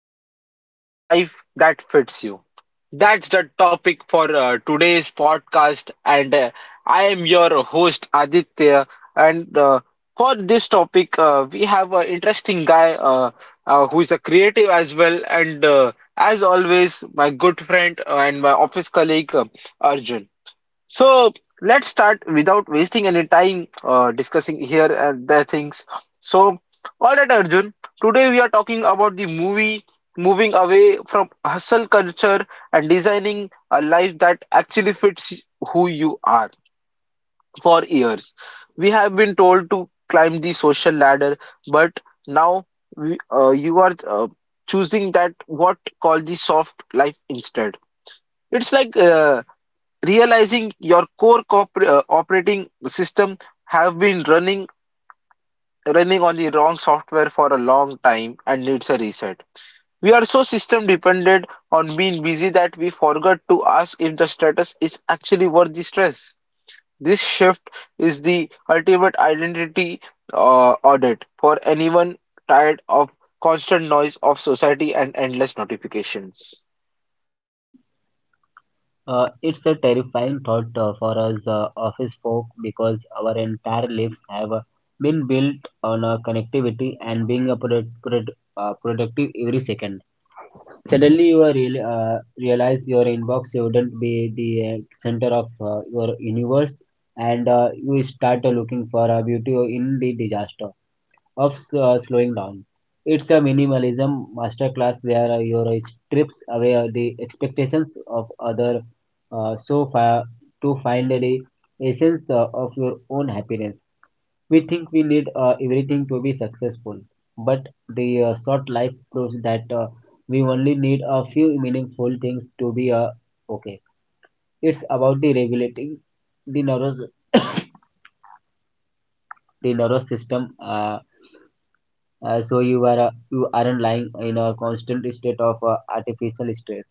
Designing a life that fits you. That's the topic for today's podcast, and I am your host Aditya. And for this topic, we have an interesting guy who is a creative as well, and as always, my good friend and my office colleague Arjun. So let's start without wasting any time discussing here and there things. So, all right, Arjun, today we are talking about the movie moving away from hustle culture and designing a life that actually fits who you are. For years, we have been told to climb the social ladder, but now you are choosing that what called the soft life instead. It's like realizing your operating system have been running on the wrong software for a long time and needs a reset. We are so system dependent on being busy that we forgot to ask if the status is actually worth the stress. This shift is the ultimate identity audit for anyone tired of constant noise of society and endless notifications. It's a terrifying thought for us office folk because our entire lives have been built on connectivity and being a productive every second. Suddenly, you are realize your inbox shouldn't be the center of your universe, and you start looking for beauty in the disaster of slowing down. It's a minimalism masterclass where your strips away the expectations of other so far to find the essence of your own happiness. We think we need everything to be successful, but the short life proves that we only need a few meaningful things to be okay. It's about the regulating the nervous the nervous system. So you are you aren't lying in a constant state of artificial stress.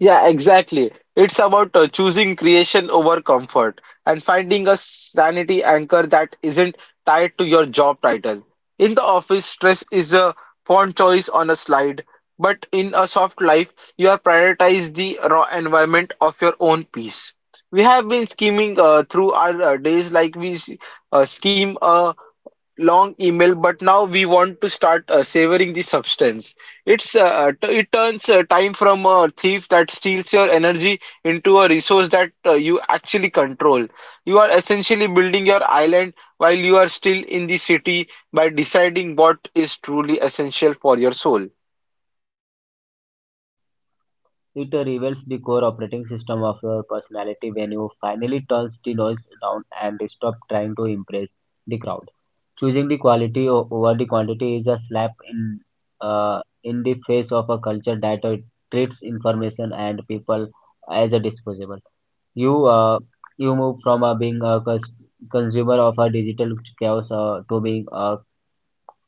Yeah, exactly. It's about choosing creation over comfort and finding a sanity anchor that isn't tied to your job title. In the office, stress is a font choice on a slide, but in a soft life, you are prioritize the raw environment of your own peace. We have been scheming through our days like scheme a long email, but now we want to start savoring the substance. It turns time from a thief that steals your energy into a resource that you actually control. You are essentially building your island while you are still in the city by deciding what is truly essential for your soul. It reveals the core operating system of your personality when you finally turn the noise down and stop trying to impress the crowd. Choosing the quality over the quantity is a slap in the face of a culture that treats information and people as a disposable. you uh, you move from being a consumer of a digital chaos to being a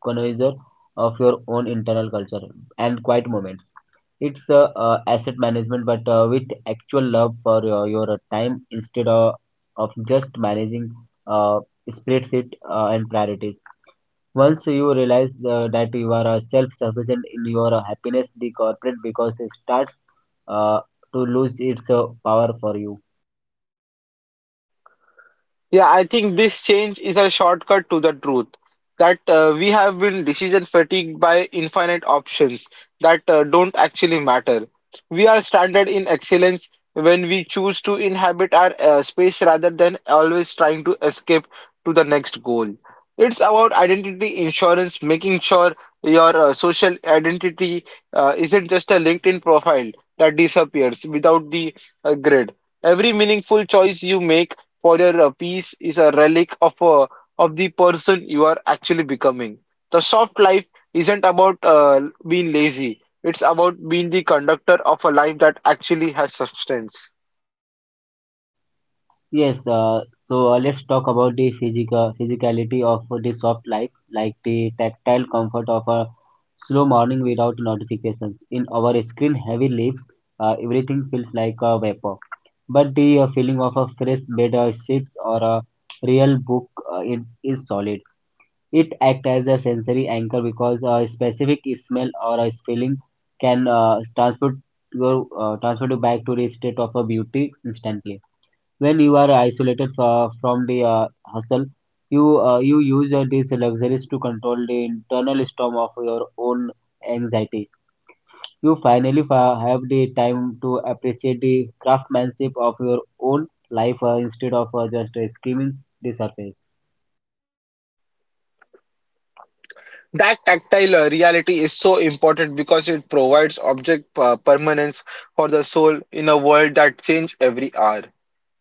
connoisseur of your own internal culture and quiet moments. It's asset management, but with actual love for your time instead of just managing uh, spreadsheet and priorities. Once you realize that you are self-sufficient in your happiness, the corporate because it starts uh, to lose its power for you. Yeah, I think this change is a shortcut to the truth that we have been decision fatigued by infinite options that don't actually matter. We are stranded in excellence when we choose to inhabit our space rather than always trying to escape to the next goal. It's about identity insurance, making sure your social identity isn't just a LinkedIn profile that disappears without the grid. Every meaningful choice you make further, a piece is a relic of of the person you are actually becoming. The soft life isn't about being lazy. It's about being the conductor of a life that actually has substance. Yes, so let's talk about the physicality of the soft life, like the tactile comfort of a slow morning without notifications. In our screen-heavy lives, everything feels like a vapor. But the feeling of a fresh bed of sheets or a real book it is solid. It acts as a sensory anchor because a specific smell or a feeling can transport you back to the state of a beauty instantly when you are isolated from the hustle. You use these luxuries to control the internal storm of your own anxiety. You finally have the time to appreciate the craftsmanship of your own life instead of just skimming the surface. That tactile reality is so important because it provides object permanence for the soul in a world that changes every hour.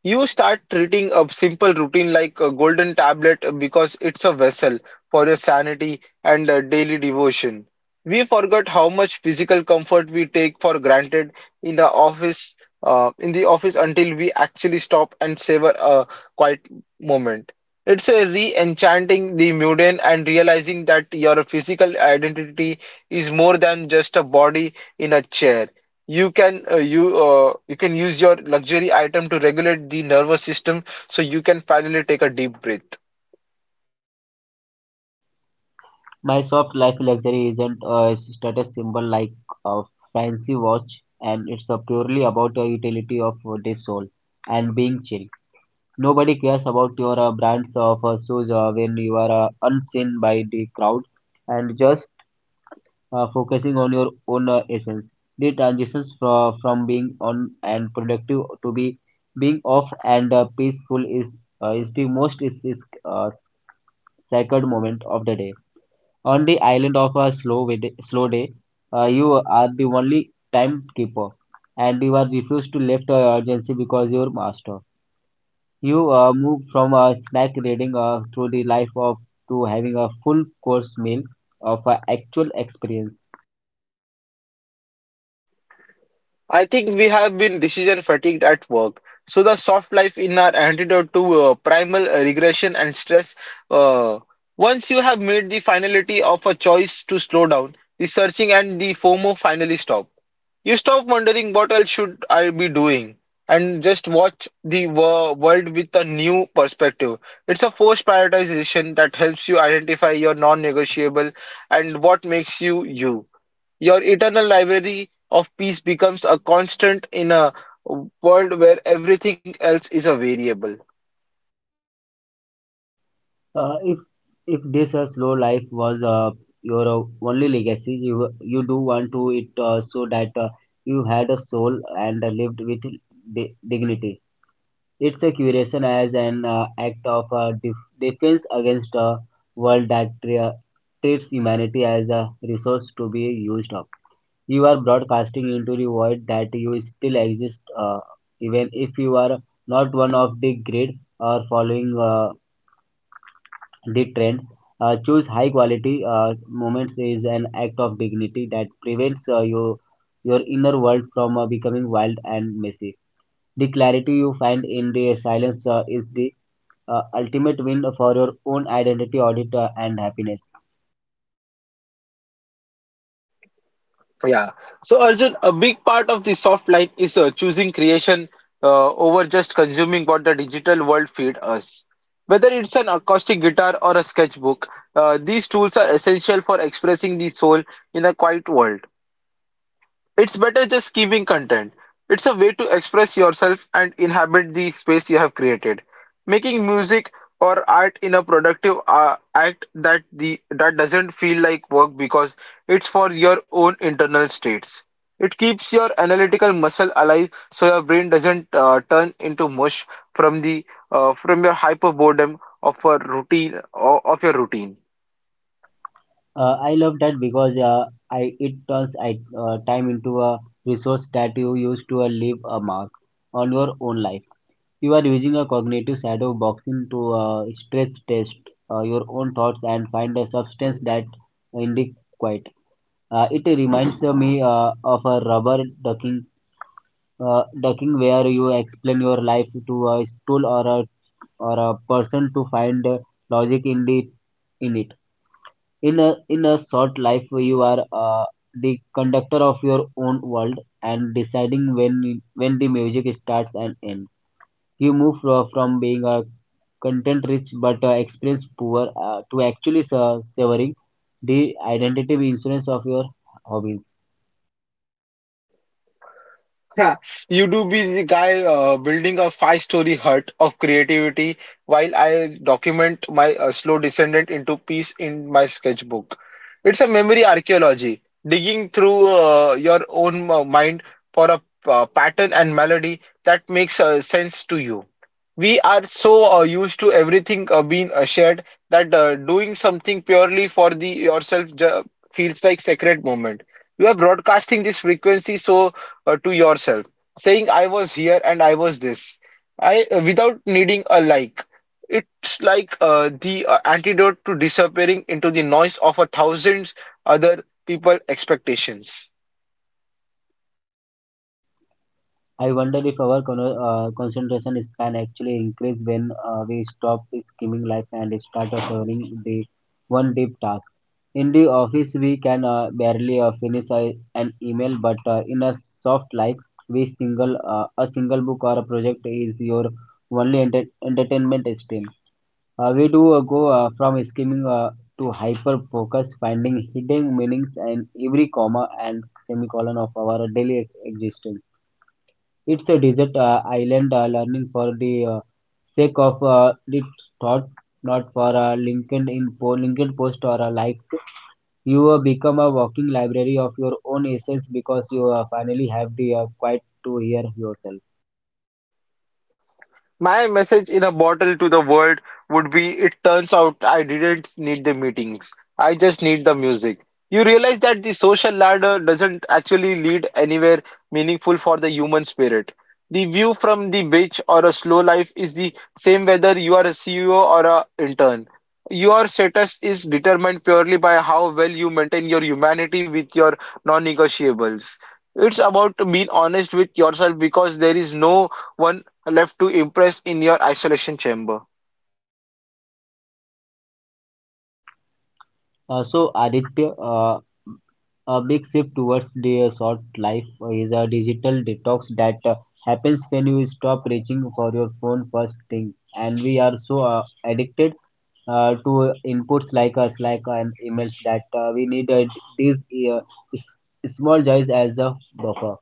You start treating a simple routine like a golden tablet because it's a vessel for your sanity and daily devotion. We forgot how much physical comfort we take for granted in the office, until we actually stop and savor a quiet moment. It's a re-enchanting the mundane and realizing that your physical identity is more than just a body in a chair. You can use your luxury item to regulate the nervous system so you can finally take a deep breath. My soft life luxury isn't a status symbol like a fancy watch, and it's purely about the utility of the soul and being chill. Nobody cares about your brands of shoes when you are unseen by the crowd and just focusing on your own essence. The transitions from being on and productive to be being off and peaceful is the uh, sacred moment of the day. On the island of a slow day, you are the only timekeeper, and you are refused to left urgency because your master. You move from a snack reading through the life of to having a full course meal of an actual experience. I think we have been decision fatigued at work. So the soft life in our antidote to primal regression and stress. Uh, once you have made the finality of a choice to slow down, the searching and the FOMO finally stop. You stop wondering what else should I be doing and just watch the world with a new perspective. It's a forced prioritization that helps you identify your non-negotiable and what makes you you. Your eternal library of peace becomes a constant in a world where everything else is a variable. If if this slow life was your only legacy, you do want to it so that you had a soul and lived with dignity. It's a curation as an act of defense against a world that treats humanity as a resource to be used up. You are broadcasting into the void that you still exist, even if you are not one of the grid or following the trend. Choose high quality moments is an act of dignity that prevents your inner world from becoming wild and messy. The clarity you find in the silence is the ultimate win for your own identity, audit, and happiness. Yeah. So Arjun, a big part of the soft life is choosing creation over just consuming what the digital world feed us. Whether it's an acoustic guitar or a sketchbook, these tools are essential for expressing the soul in a quiet world. It's better just keeping content. It's a way to express yourself and inhabit the space you have created. Making music or art in a productive act that the that doesn't feel like work because it's for your own internal states. It keeps your analytical muscle alive so your brain doesn't turn into mush from the from your hyper boredom of a routine or of your routine. I love that because I it turns time into a resource that you use to leave a mark on your own life. You are using a cognitive shadow boxing to stress test your own thoughts and find a substance that in the quiet. It reminds me of a rubber ducking ducking where you explain your life to a stool or a person to find logic in the in it in a short life. You are the conductor of your own world and deciding when the music starts and ends. You move from being a content rich but experience poor to actually savoring the identity insurance of your hobbies. Yeah, you do be the guy building a five-story hut of creativity while I document my slow descendant into peace in my sketchbook. It's a memory archaeology, digging through your own mind for a pattern and melody that makes sense to you. We are so used to everything being shared that doing something purely for the yourself feels like sacred moment. You are broadcasting this frequency, so to yourself, saying I was here and I was this. I without needing a like. It's like the antidote to disappearing into the noise of a thousand other people expectations. I wonder if our concentration span actually increase when we stop skimming life and start serving the one deep task. In the office, we can barely finish an email, but in a soft life, we single a single book or a project is your only entertainment stream. We do go from skimming to hyper focus, finding hidden meanings in every comma and semicolon of our daily existence. It's a desert island learning for the sake of its thought, not for LinkedIn LinkedIn post or a like. You become a walking library of your own essence because you finally have the quiet to hear yourself. My message in a bottle to the world would be it turns out I didn't need the meetings. I just need the music. You realize that the social ladder doesn't actually lead anywhere meaningful for the human spirit. The view from the beach or a slow life is the same whether you are a CEO or a intern. Your status is determined purely by how well you maintain your humanity with your non-negotiables. It's about being honest with yourself because there is no one left to impress in your isolation chamber. So Aditya, a big shift towards the short life is a digital detox that happens when you stop reaching for your phone first thing. And we are so addicted to inputs like us, like an emails that we need these uh, small joys as a buffer.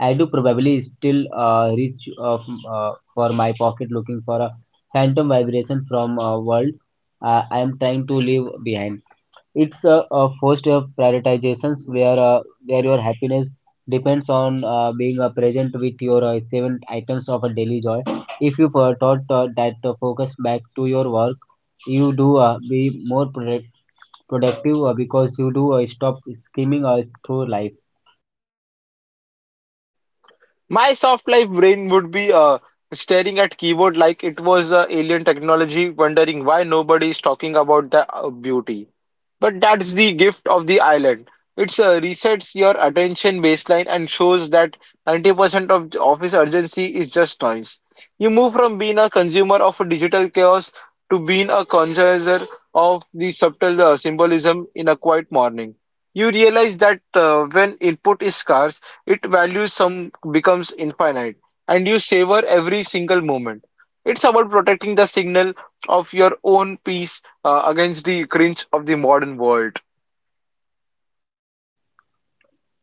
I do probably still reach for my pocket looking for a phantom vibration from a world I am trying to leave behind. It's a forced prioritizations where your happiness depends on being present with your seven items of a daily joy. If you thought that focus back to your work, you do be more productive because you do stop skimming through life. My soft life brain would be staring at keyboard like it was alien technology, wondering why nobody is talking about the beauty. But that's the gift of the island. It's resets your attention baseline and shows that 90% of the office urgency is just noise. You move from being a consumer of digital chaos to being a connoisseur of the subtle symbolism in a quiet morning. You realize that when input is scarce, it values some becomes infinite, and you savor every single moment. It's about protecting the signal of your own peace against the cringe of the modern world.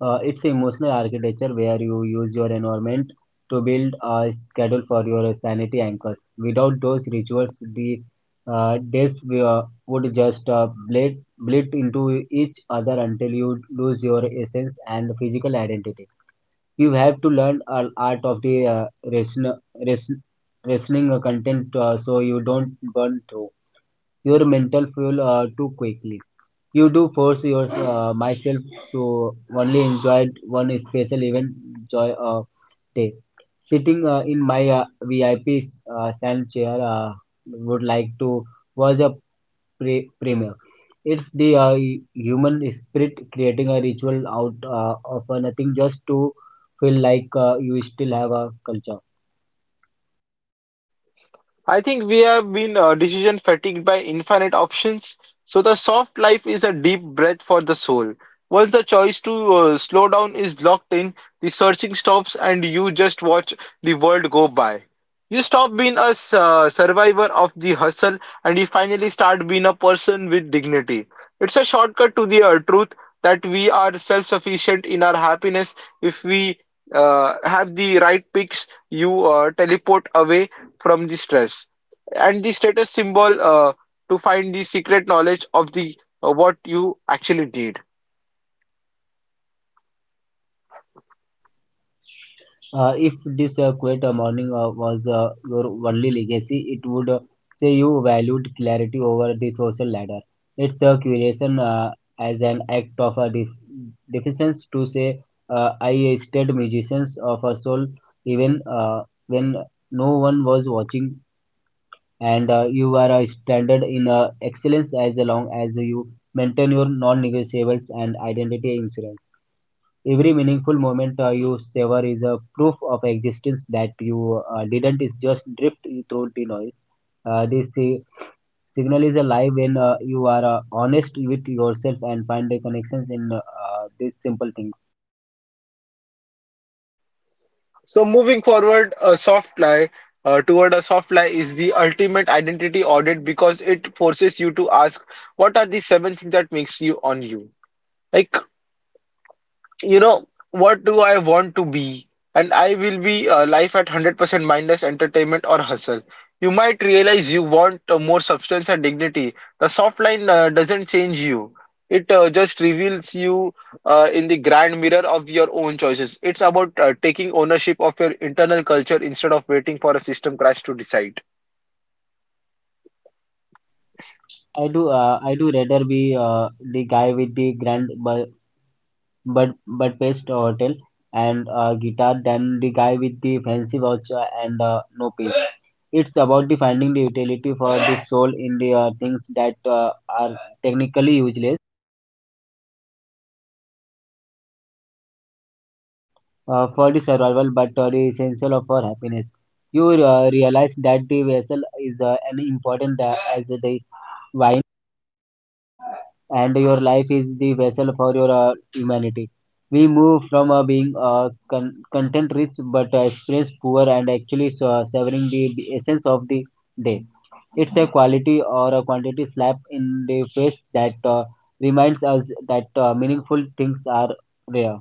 It's emotional architecture where you use your environment to build a schedule for your sanity anchors. Without those rituals, the days would just bleed into each other until you lose your essence and physical identity. You have to learn an art of the ration, ration, rationing content so you don't burn through your mental fuel too quickly. You do force your myself to only enjoy one special event joy day, sitting in my vip sand chair, would like to watch a premiere. It's the human spirit creating a ritual out of nothing just to feel like you still have a culture. I think we have been decision fatigued by infinite options. So the soft life is a deep breath for the soul. Once the choice to slow down is locked in, the searching stops and you just watch the world go by. You stop being a s- survivor of the hustle and you finally start being a person with dignity. It's a shortcut to the truth that we are self-sufficient in our happiness if we have the right picks you teleport away from the stress and the status symbol to find the secret knowledge of the what you actually did. If this quiet morning was your only legacy, it would say you valued clarity over the social ladder. It's a curation as an act of a defiance to say, I stayed musicians of a soul even when no one was watching, and you are a standard in excellence as long as you maintain your non negotiables and identity insurance. Every meaningful moment you savor is a proof of existence that you didn't is just drift through the noise. This signal is alive when you are honest with yourself and find the connections in these simple things. So moving forward a soft lie toward a soft lie is the ultimate identity audit because it forces you to ask what are the seven things that makes you on you, like you know, what do I want to be? And I will be life at 100% mindless entertainment or hustle. You might realize you want more substance and dignity. The soft line doesn't change you. It just reveals you in the grand mirror of your own choices. It's about taking ownership of your internal culture instead of waiting for a system crash to decide. I do rather be the guy with the Bud Budapest Hotel and a guitar than the guy with the fancy watch and no peace. It's about the finding the utility for the soul in the things that are technically useless for the survival but are the essential of our happiness. You realize that the vessel is an important as the wine, and your life is the vessel for your humanity. We move from being content rich but experience poor and actually severing the essence of the day. It's a quality or a quantity slap in the face that reminds us that meaningful things are rare.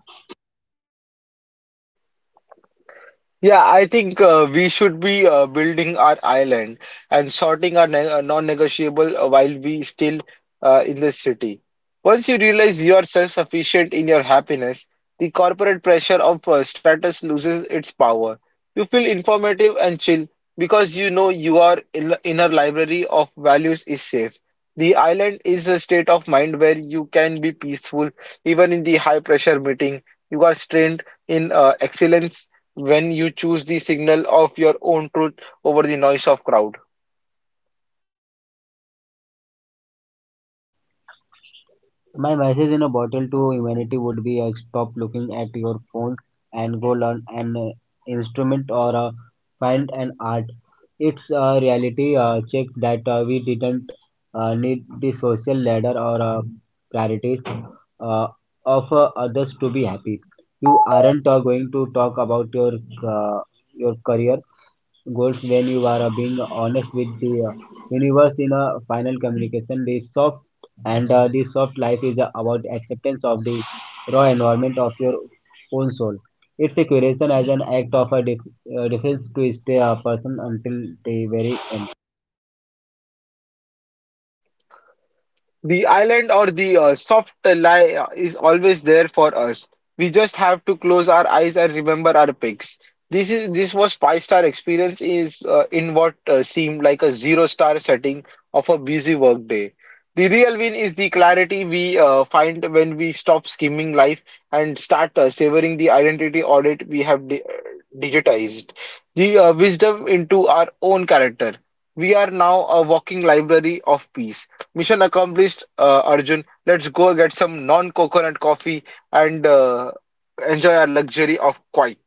Yeah, I think we should be building our island and sorting our non-negotiable while we still in the city. Once you realize you are self-sufficient in your happiness, the corporate pressure of status loses its power. You feel informative and chill because you know your inner library of values is safe. The island is a state of mind where you can be peaceful even in the high-pressure meeting. You are strained in excellence when you choose the signal of your own truth over the noise of crowd. My message in a bottle to humanity would be stop looking at your phones and go learn an instrument or find an art. It's a reality check that we didn't need the social ladder or priorities uh, of others to be happy. You aren't going to talk about uh, your career goals when you are being honest with the universe in a final communication. The soft and the soft life is about acceptance of the raw environment of your own soul. It's a curation as an act of defense to stay a person until the very end. The island or the soft lie is always there for us. We just have to close our eyes and remember our picks. This was five-star experience is in what seemed like a zero star setting of a busy workday. The real win is the clarity we find when we stop skimming life and start savoring the identity audit we have di digitized. The wisdom into our own character. We are now a walking library of peace. Mission accomplished, Arjun. Let's go get some non-coconut coffee and enjoy our luxury of quiet.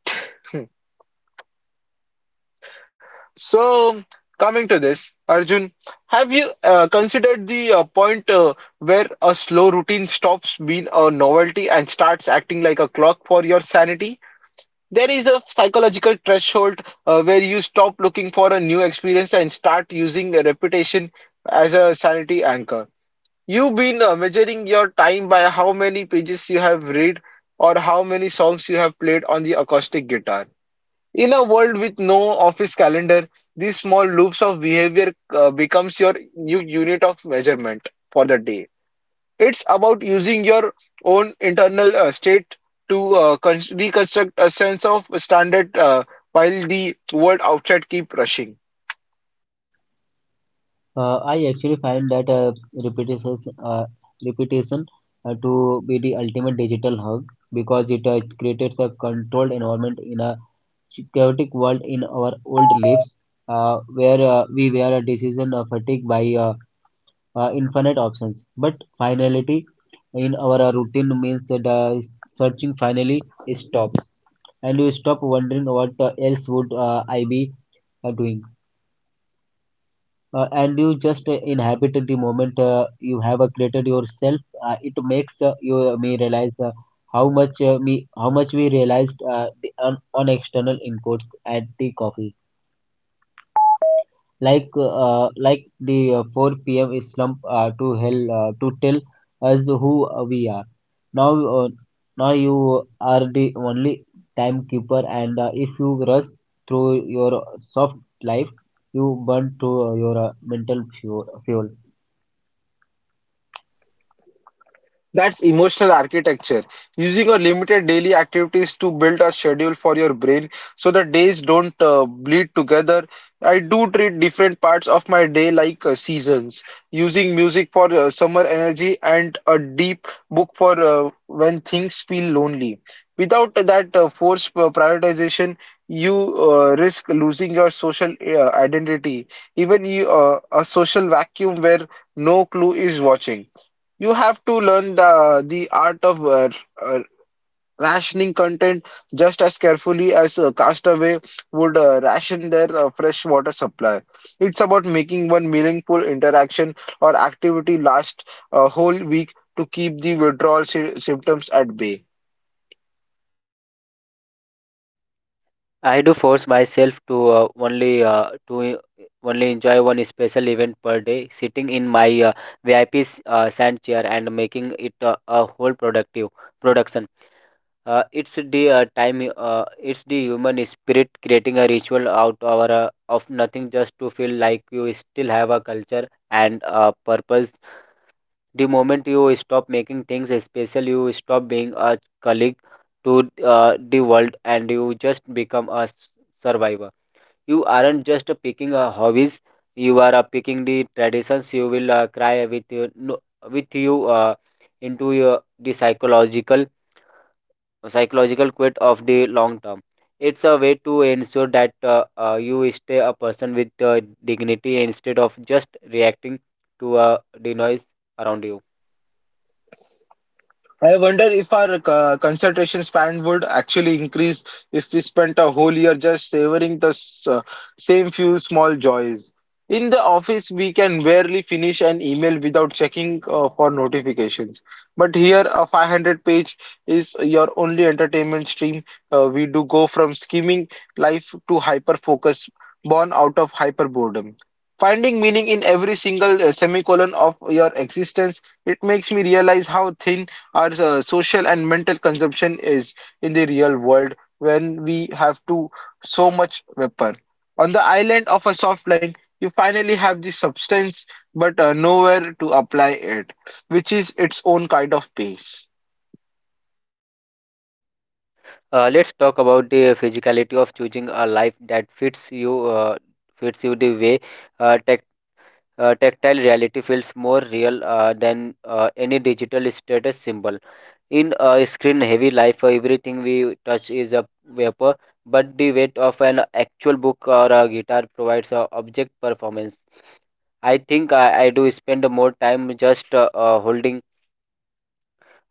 So, coming to this, Arjun, have you considered the point where a slow routine stops being a novelty and starts acting like a clock for your sanity? There is a psychological threshold where you stop looking for a new experience and start using a reputation as a sanity anchor. You've been measuring your time by how many pages you have read or how many songs you have played on the acoustic guitar. In a world with no office calendar, these small loops of behavior becomes your new unit of measurement for the day. It's about using your own internal state to reconstruct a sense of standard while the world outside keep rushing. I actually find that repetition, uh, repetition to be the ultimate digital hug because it creates a controlled environment in a chaotic world. In our old lives, where we were a decision fatigued by infinite options. But finality in our routine means that searching finally stops, and you stop wondering what else would I be doing. And you just inhabited the moment you have created yourself. It makes you me realize how much me how much we realized on external inputs at the coffee, like the 4 p.m. slump to tell us who we are. Now, uh, now you are the only timekeeper, and if you rush through your soft life, you burn through your mental fuel. That's emotional architecture, using your limited daily activities to build a schedule for your brain so the days don't bleed together. I do treat different parts of my day like seasons, using music for summer energy and a deep book for when things feel lonely. Without that forced prioritization, you risk losing your social identity, even you, a social vacuum where no clue is watching. You have to learn the art of uh, rationing content just as carefully as a castaway would ration their fresh water supply. It's about making one meaningful interaction or activity last a whole week to keep the withdrawal sy symptoms at bay. I do force myself to only enjoy one special event per day, sitting in my VIP sand chair and making it a whole productive production. It's the time. It's the human spirit creating a ritual out our of nothing, just to feel like you still have a culture and a purpose. The moment you stop making things special, you stop being a colleague to the world, and you just become survivor. You aren't just picking hobbies; you are picking the traditions. You will cry with you, no, with you into your the psychological quit of the long term. It's a way to ensure that you stay a person with dignity instead of just reacting to the noise around you. I wonder if our concentration span would actually increase if we spent a whole year just savoring the same few small joys. In the office, we can barely finish an email without checking for notifications. But here, a 500 page is your only entertainment stream. We do go from skimming life to hyper focus, born out of hyper boredom. Finding meaning in every single semicolon of your existence, it makes me realize how thin our social and mental consumption is in the real world when we have to so much weapon. On the island of a soft line, you finally have the substance, but nowhere to apply it, which is its own kind of pace. Let's talk about the physicality of choosing a life that fits you the way uh, tech, tactile reality feels more real than any digital status symbol. In a screen heavy life, everything we touch is a vapor, but the weight of an actual book or a guitar provides a object performance. I think I do spend more time just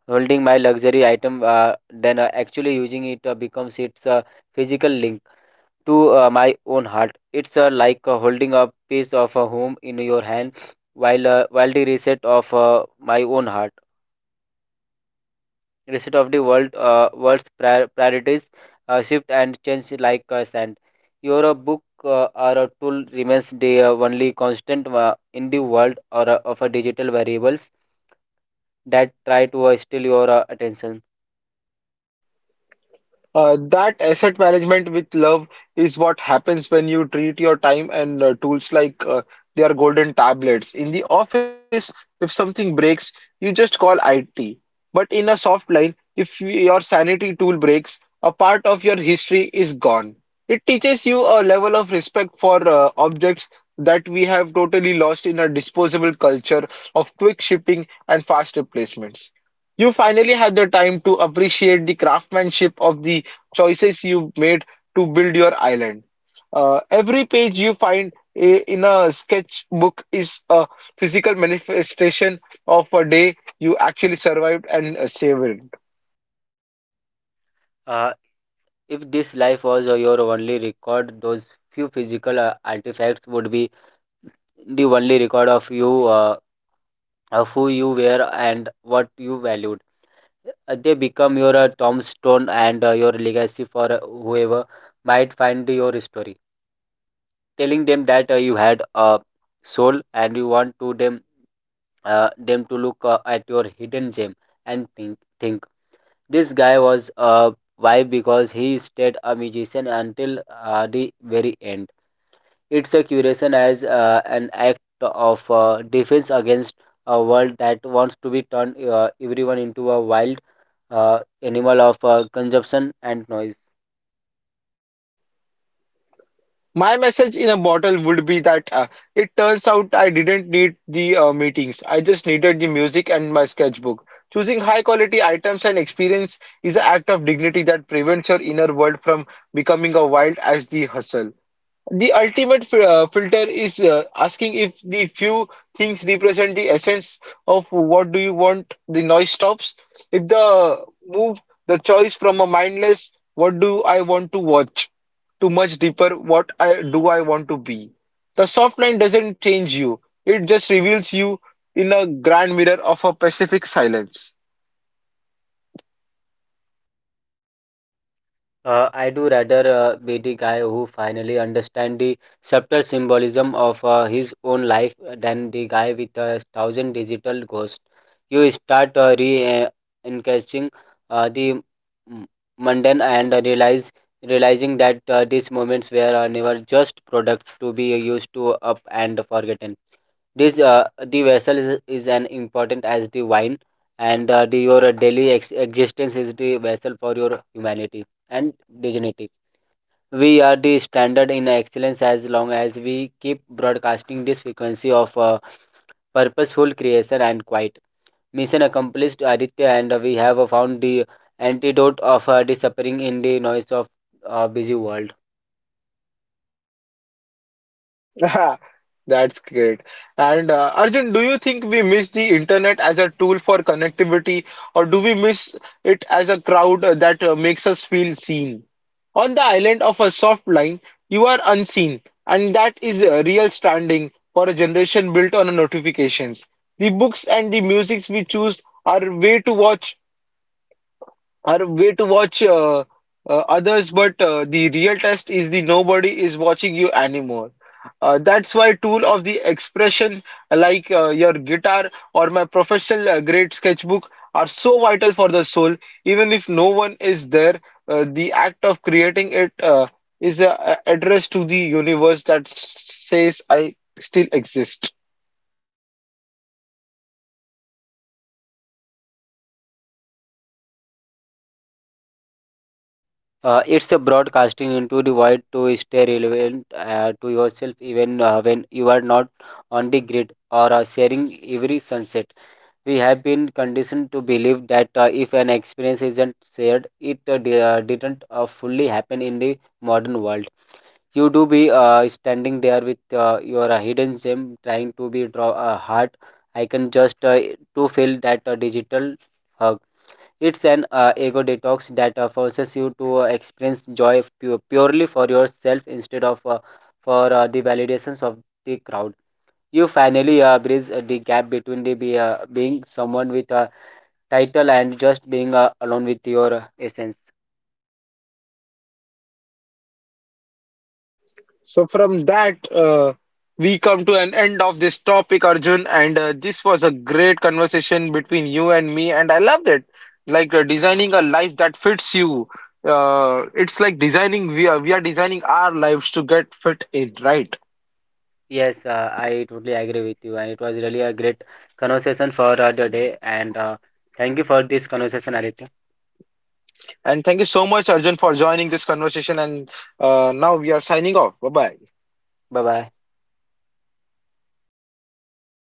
holding my luxury item than actually using it becomes its physical link to my own heart. It's like holding a piece of a home in your hand while while the reset of my own heart, rest of the world world's priorities shift and change like sand. Your book or a tool remains the only constant in the world or of a digital variables that try to steal your attention. That asset management with love is what happens when you treat your time and tools like they are golden tablets. In the office, if something breaks, you just call IT. But in a soft line, if y- your sanity tool breaks, a part of your history is gone. It teaches you a level of respect for objects that we have totally lost in a disposable culture of quick shipping and fast replacements. You finally have the time to appreciate the craftsmanship of the choices you made to build your island. Every page you find in a sketchbook is a physical manifestation of a day you actually survived and savored. Uh, if this life was your only record, those few physical artifacts would be the only record of you, of who you were and what you valued. They become your tombstone and your legacy for whoever might find your story, telling them that you had a soul and you want to them them to look at your hidden gem and think this guy was why, because he stayed a musician until the very end. It's a curation as an act of defense against a world that wants to be turned everyone into a wild animal of consumption and noise. My message in a bottle would be that it turns out I didn't need the meetings. I just needed the music and my sketchbook. Choosing high quality items and experience is an act of dignity that prevents your inner world from becoming a wild as the hustle. The ultimate filter is asking if the few things represent the essence of what do you want, the noise stops. If the move the choice from a mindless, what do I want to watch, to much deeper, what I do I want to be. The soft line doesn't change you, it just reveals you in a grand mirror of a Pacific silence. I do rather be the guy who finally understand the subtle symbolism of his own life than the guy with a thousand digital ghosts. You start re-encasing the m- mundane and realize realizing that these moments were never just products to be used to up and forgotten. This the vessel is an important as the wine, and your daily existence is the vessel for your humanity and the we are the standard in excellence as long as we keep broadcasting this frequency of purposeful creation and quiet. Mission accomplished, Aditya, and we have found the antidote of disappearing in the noise of busy world. That's great. And Arjun, do you think we miss the internet as a tool for connectivity, or do we miss it as a crowd that makes us feel seen? On the island of a soft line, you are unseen, and that is a real standing for a generation built on notifications. The books and the musics we choose are way to watch are a way to watch others, but the real test is the nobody is watching you anymore. That's why tool of the expression like your guitar or my professional grade sketchbook are so vital for the soul. Even if no one is there, the act of creating it is a address to the universe that says I still exist. It's a broadcasting into the void to stay relevant to yourself even when you are not on the grid or sharing every sunset. We have been conditioned to believe that if an experience isn't shared, it didn't fully happen in the modern world. You do be standing there with your hidden gem, trying to be draw a heart. I can just to feel that digital uh, it's an ego detox that forces you to experience joy purely for yourself instead of for the validations of the crowd. You finally bridge the gap between being someone with a title and just being alone with your essence. So from that, we come to an end of this topic, Arjun, and this was a great conversation between you and me, and I loved it. Like designing a life that fits you. It's like designing we are designing our lives to get fit in, right? Yes, I totally agree with you, and it was really a great conversation for the day. And thank you for this conversation, Aditya. And thank you so much, Arjun, for joining this conversation. And now we are signing off. Bye bye. Bye bye.